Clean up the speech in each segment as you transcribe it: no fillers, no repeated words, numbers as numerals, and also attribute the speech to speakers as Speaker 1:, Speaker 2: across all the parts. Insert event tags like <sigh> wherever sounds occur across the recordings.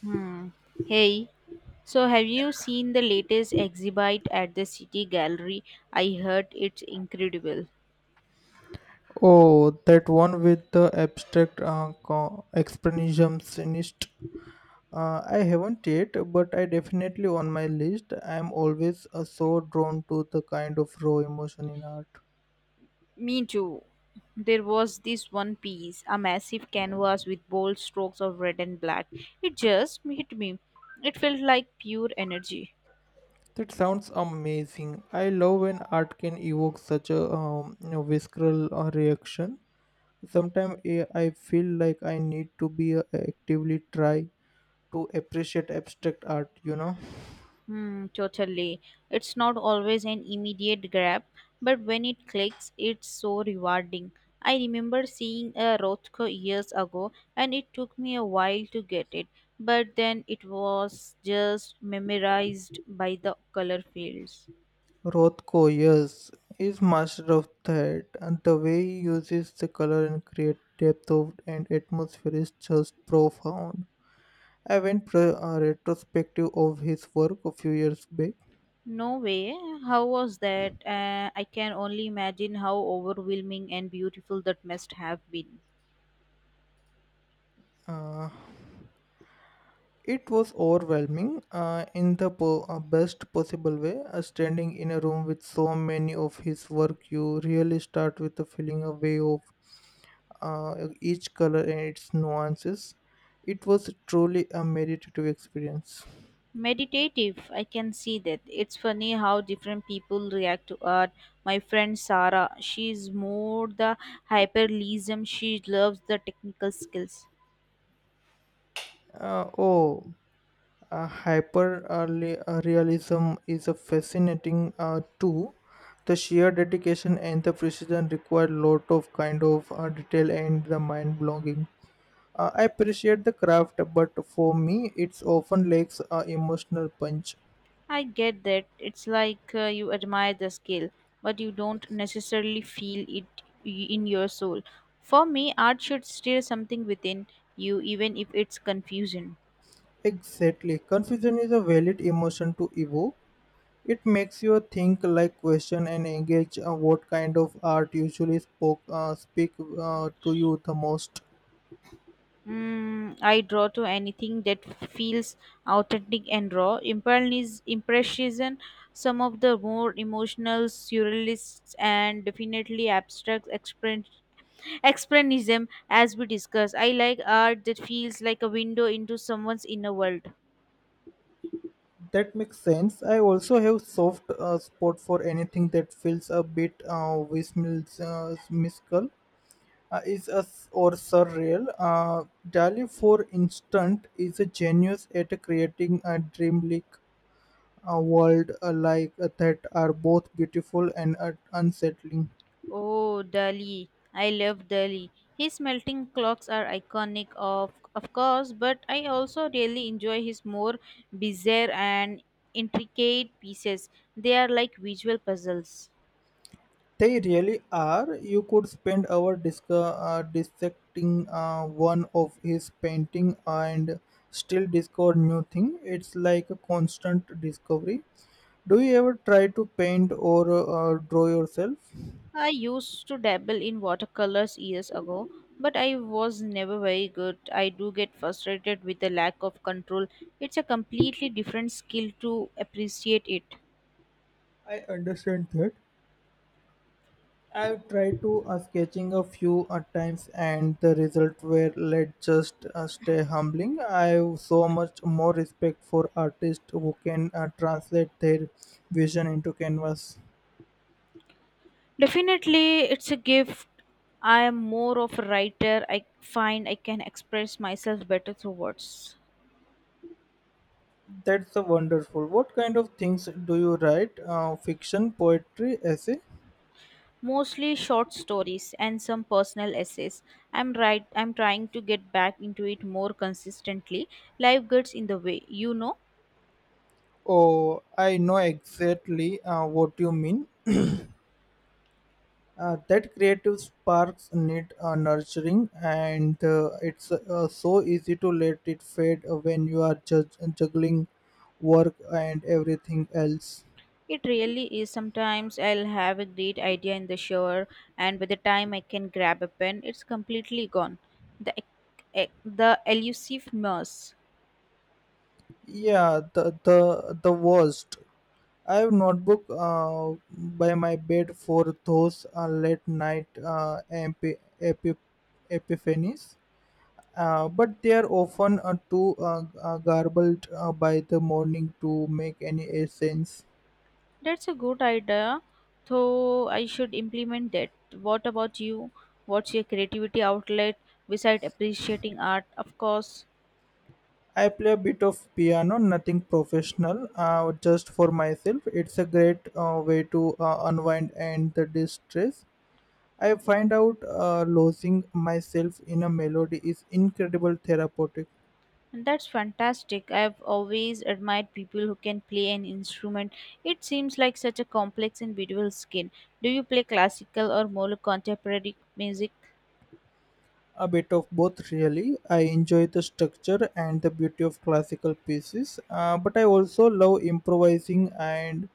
Speaker 1: Hmm. Hey, so have you seen the latest exhibit at the City Gallery? I heard it's incredible.
Speaker 2: Oh, that one with the abstract expressionist. I haven't yet, but I definitely on my list. I am always so drawn to the kind of raw emotion in art.
Speaker 1: Me too. There was this one piece, a massive canvas with bold strokes of red and black. It just hit me. It felt like pure energy.
Speaker 2: That sounds amazing. I love when art can evoke such a visceral reaction. Sometimes I feel like I need to be actively try to appreciate abstract art. You know.
Speaker 1: Hmm, totally. It's not always an immediate grab, but when it clicks, it's so rewarding. I remember seeing a Rothko years ago, and it took me a while to get it, but then it was just memorized by the color fields.
Speaker 2: Rothko, yes, is master of that, and the way he uses the color and create depth of and atmosphere is just profound. I went pro a retrospective of his work a few years back.
Speaker 1: No way. How was that? I can only imagine how overwhelming and beautiful that must have been.
Speaker 2: Uh, it was overwhelming in the best possible way. Standing in a room with so many of his work, you really start with the feeling away of each color and its nuances. It was truly a meditative experience.
Speaker 1: Meditative, I can see that. It's funny how different people react to art. My friend Sarah, she's more the hyperrealism. She loves the technical skills.
Speaker 2: Uh, oh, hyper realism is a fascinating too. The sheer dedication and the precision require lot of kind of detail and the mind blowing. I appreciate the craft, but for me, it's often lacks a emotional punch.
Speaker 1: I get that. It's like, you admire the skill, but you don't necessarily feel it in your soul. For me, art should stir something within you, even if it's confusing.
Speaker 2: Exactly, confusion is a valid emotion to evoke. It makes you think, like, question, and engage. What kind of art usually spoke speak to you the most?
Speaker 1: Mm, I draw to anything that feels authentic and raw. Impressionism, some of the more emotional surrealists, and definitely abstract expressionism, as we discussed. I like art that feels like a window into someone's inner world.
Speaker 2: That makes sense. I also have soft spot for anything that feels a bit whimsical, is a or surreal. Dali, for instance, is a genius at creating a dreamlike world that are both beautiful and unsettling.
Speaker 1: Oh, Dali. I love Dali. His melting clocks are iconic, of course, but I also really enjoy his more bizarre and intricate pieces. They are like visual puzzles.
Speaker 2: They really are. You could spend hours dissecting one of his painting and still discover new thing. It's like a constant discovery. Do you ever try to paint or draw yourself?
Speaker 1: I used to dabble in watercolors years ago, but I was never very good. I do get frustrated with the lack of control. It's a completely different skill to appreciate it.
Speaker 2: I understand that. I've tried to sketching a few times, and the result were let just stay humbling. I have so much more respect for artists who can translate their vision into canvas.
Speaker 1: Definitely, it's a gift. I am more of a writer. I find I can express myself better through words.
Speaker 2: That's a wonderful. What kind of things do you write? Fiction, poetry, essay?
Speaker 1: Mostly short stories and some personal essays. I'm I'm trying to get back into it more consistently. Life gets in the way.
Speaker 2: Oh, I know exactly what you mean. That creative sparks need nurturing, and it's so easy to let it fade when you are juggling work and everything else.
Speaker 1: It really is. Sometimes I'll have a great idea in the shower, and by the time I can grab a pen, it's completely gone. The e, e, the elusive mouse.
Speaker 2: Yeah, the worst. I have notebook by my bed for those late night epiphanies, but they are often too garbled by the morning to make any sense.
Speaker 1: That's a good idea, though I should implement that. What about you? What's your creativity outlet besides appreciating art? Of course.
Speaker 2: I play a bit of piano, nothing professional, just for myself. It's a great way to unwind and the distress. I find out losing myself in a melody is incredible therapeutic.
Speaker 1: And that's fantastic. I've always admired people who can play an instrument. It seems like such a complex and beautiful skill. Do you play classical or more contemporary music?
Speaker 2: A bit of both, really. I enjoy the structure and the beauty of classical pieces, but I also love improvising and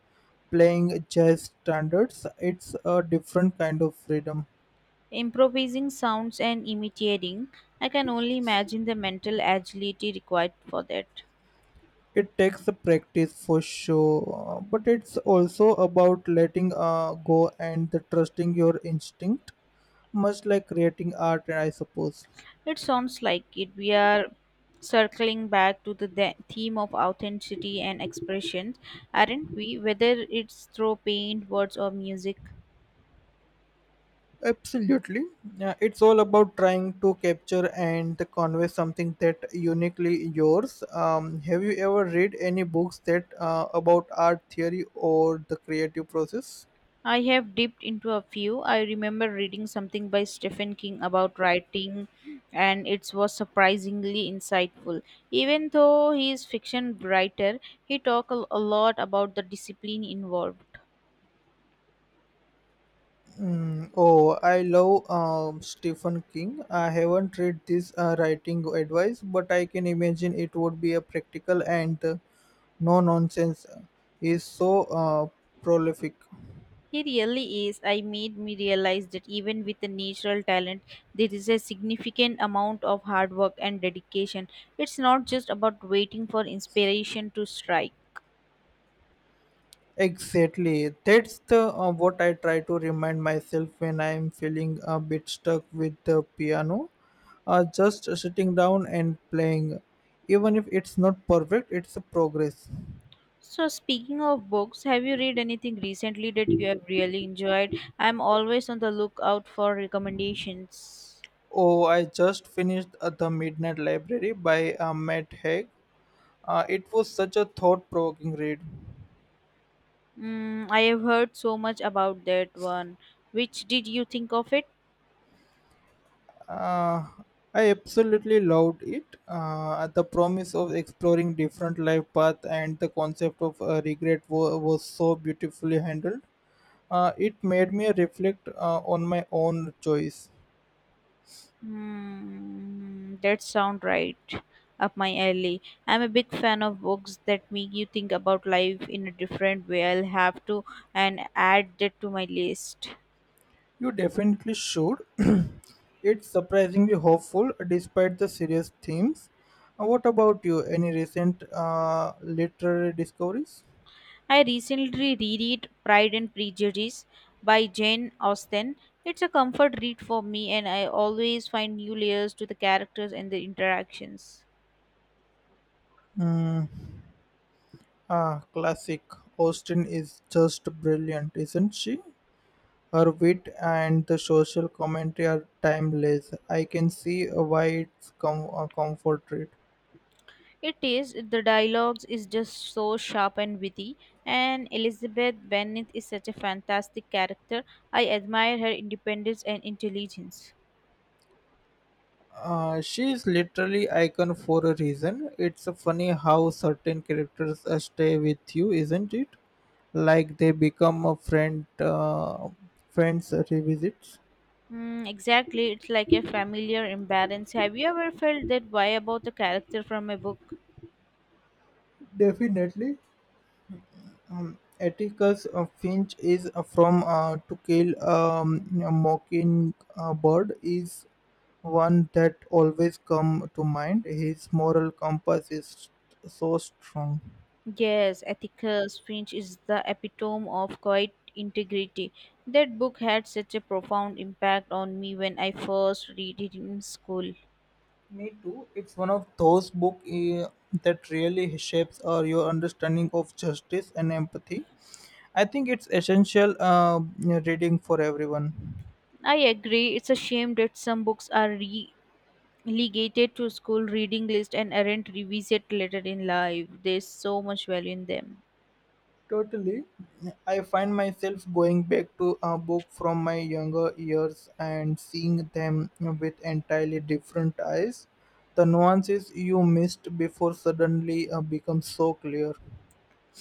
Speaker 2: playing jazz standards. It's a different kind of freedom.
Speaker 1: Improvising sounds and imitating. I can only imagine the mental agility required for that.
Speaker 2: It takes a practice for sure, but it's also about letting go and the trusting your instinct, much like creating art, I suppose.
Speaker 1: It sounds like it. We are circling back to the theme of authenticity and expression, aren't we? Whether it's through paint, words, or music.
Speaker 2: Absolutely. Yeah, it's all about trying to capture and convey something that uniquely yours. Have you ever read any books that about art theory or the creative process?
Speaker 1: I have dipped into a few. I remember reading something by Stephen King about writing, and it was surprisingly insightful. Even though he is fiction writer, he talked a lot about the discipline involved.
Speaker 2: Oh, I love Stephen King. I haven't read this writing advice, but I can imagine it would be a practical and no nonsense. Is so prolific.
Speaker 1: He really is. I made me realize that even with a natural talent, there is a significant amount of hard work and dedication. It's not just about waiting for inspiration to strike.
Speaker 2: Exactly. That's the what I try to remind myself when I am feeling a bit stuck with the piano. Just sitting down and playing, even if it's not perfect, it's a progress.
Speaker 1: So, speaking of books, have you read anything recently that you have really enjoyed? I'm always on the lookout for recommendations.
Speaker 2: Oh, I just finished the Midnight Library by Matt Haig. It was such a thought-provoking read.
Speaker 1: Mm, I have heard so much about that one. Which did you think of it?
Speaker 2: uh, I absolutely loved it. The promise of exploring different life paths and the concept of was so beautifully handled. It made me reflect on my own choice.
Speaker 1: Hmm, that sound right up my alley. I'm a big fan of books that make you think about life in a different way. I'll have to and add that to my list.
Speaker 2: You definitely should. <clears throat> It's surprisingly hopeful despite the serious themes. What about you? Any recent literary discoveries?
Speaker 1: I recently reread Pride and Prejudice by Jane Austen. It's a comfort read for me, and I always find new layers to the characters and the interactions.
Speaker 2: Mm, classic. Austen is just brilliant, isn't she? Her wit and the social commentary are timeless. I can see why it's a comfort read.
Speaker 1: It is. The dialogues is just so sharp and witty, and Elizabeth Bennet is such a fantastic character. I admire her independence and intelligence.
Speaker 2: She is literally icon for a reason. It's funny how certain characters stay with you, isn't it? Like they become a friend, friends revisits.
Speaker 1: Mm, exactly, it's like a familiar imbalance. Have you ever felt that way about a character from a book?
Speaker 2: Definitely. Atticus Finch is from To Kill a Mockingbird is one that always come to mind. His moral compass is so strong.
Speaker 1: Yes, Atticus Finch is the epitome of quiet integrity. That book had such a profound impact on me when I first read it in school.
Speaker 2: Me too. It's one of those books that really shapes your understanding of justice and empathy. I think it's essential reading for everyone.
Speaker 1: I agree, it's a shame that some books are re Legated to school reading list and aren't revisit later in life. There's so much value in them.
Speaker 2: Totally. I find myself going back to a book from my younger years and seeing them with entirely different eyes. The nuances you missed before suddenly become so clear.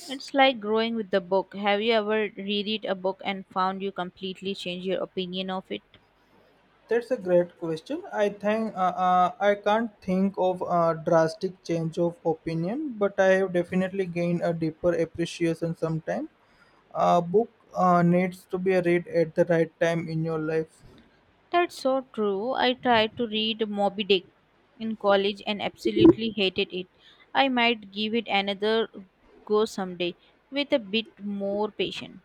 Speaker 1: It's like growing with the book. Have you ever reread a book and found you completely change your opinion of it?
Speaker 2: That's a great question. I can't think of a drastic change of opinion, but I have definitely gained a deeper appreciation sometime. A book needs to be read at the right time in your life.
Speaker 1: That's so true. I tried to read Moby Dick in college and absolutely hated it. I might give it another go someday with a bit more patience.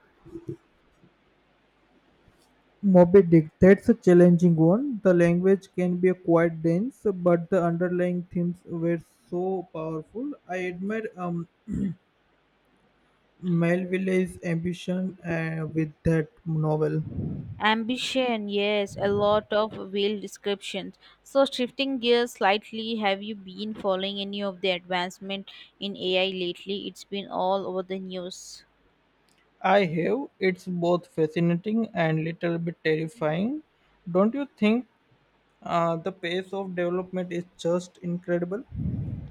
Speaker 2: Moby Dick, that's a challenging one. The language can be quite dense, but the underlying themes were so powerful. I admire <clears throat> Melville's ambition with that novel.
Speaker 1: Ambition, yes, a lot of wheel descriptions. So, shifting gears slightly, have you been following any of the advancement in AI lately? It's been all over the news.
Speaker 2: I have. It's both fascinating and little bit terrifying. Don't you think the pace of development is just incredible?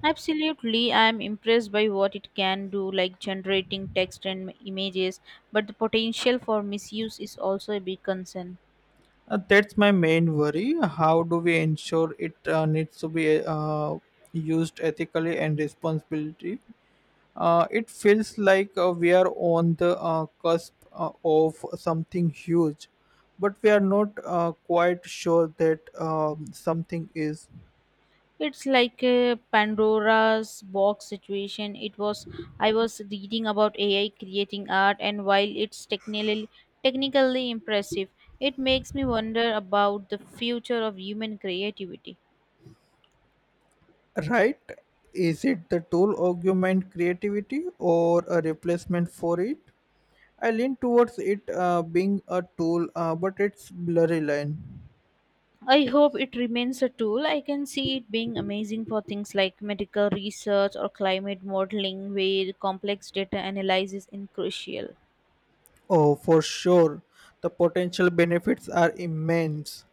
Speaker 1: Absolutely, I'm impressed by what it can do, like generating text and images, but the potential for misuse is also a big concern.
Speaker 2: That's my main worry. How do we ensure it needs to be used ethically and responsibly? It feels like we are on the cusp of something huge, but we are not quite sure that something is
Speaker 1: It's like a Pandora's box situation. It was I was reading about AI creating art, and while it's technically impressive, it makes me wonder about the future of human creativity.
Speaker 2: right. Is it the tool augment creativity or a replacement for it? I lean towards it being a tool, but it's blurry line.
Speaker 1: I hope it remains a tool. I can see it being amazing for things like medical research or climate modeling, where complex data analysis is crucial.
Speaker 2: Oh, for sure. The potential benefits are immense.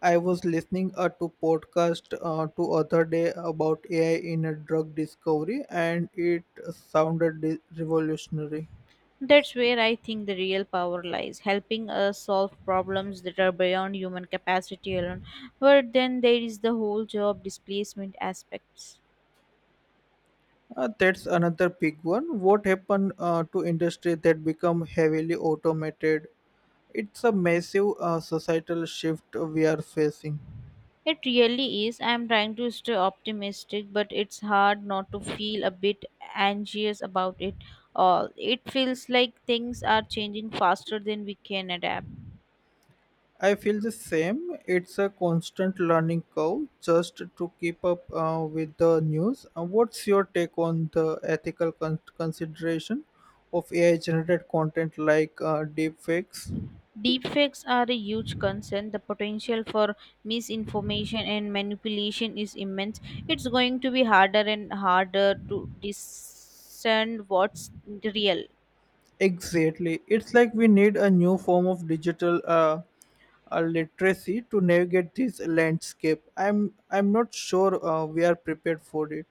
Speaker 2: I was listening to podcast to other day about AI in a drug discovery, and it sounded revolutionary.
Speaker 1: That's where I think the real power lies, helping us solve problems that are beyond human capacity alone. But then there is the whole job displacement aspects.
Speaker 2: That's another big one. What happened to industry that become heavily automated? It's a massive societal shift we are facing.
Speaker 1: It really is. I'm trying to stay optimistic, but it's hard not to feel a bit anxious about it all. It feels like things are changing faster than we can adapt.
Speaker 2: I feel the same. It's a constant learning curve just to keep up with the news. What's your take on the ethical consideration of AI generated content like deepfakes?
Speaker 1: Deepfakes are a huge concern. The potential for misinformation and manipulation is immense. It's going to be harder and harder to discern what's real.
Speaker 2: Exactly. It's like we need a new form of digital literacy to navigate this landscape. I'm not sure we are prepared for it.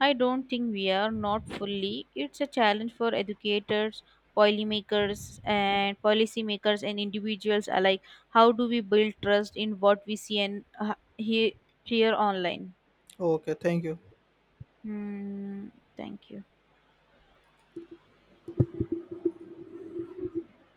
Speaker 1: I don't think we are not fully. It's a challenge for educators, policymakers, and policymakers and individuals alike. How do we build trust in what we see and hear online?
Speaker 2: Okay, thank you.
Speaker 1: Hmm, thank you.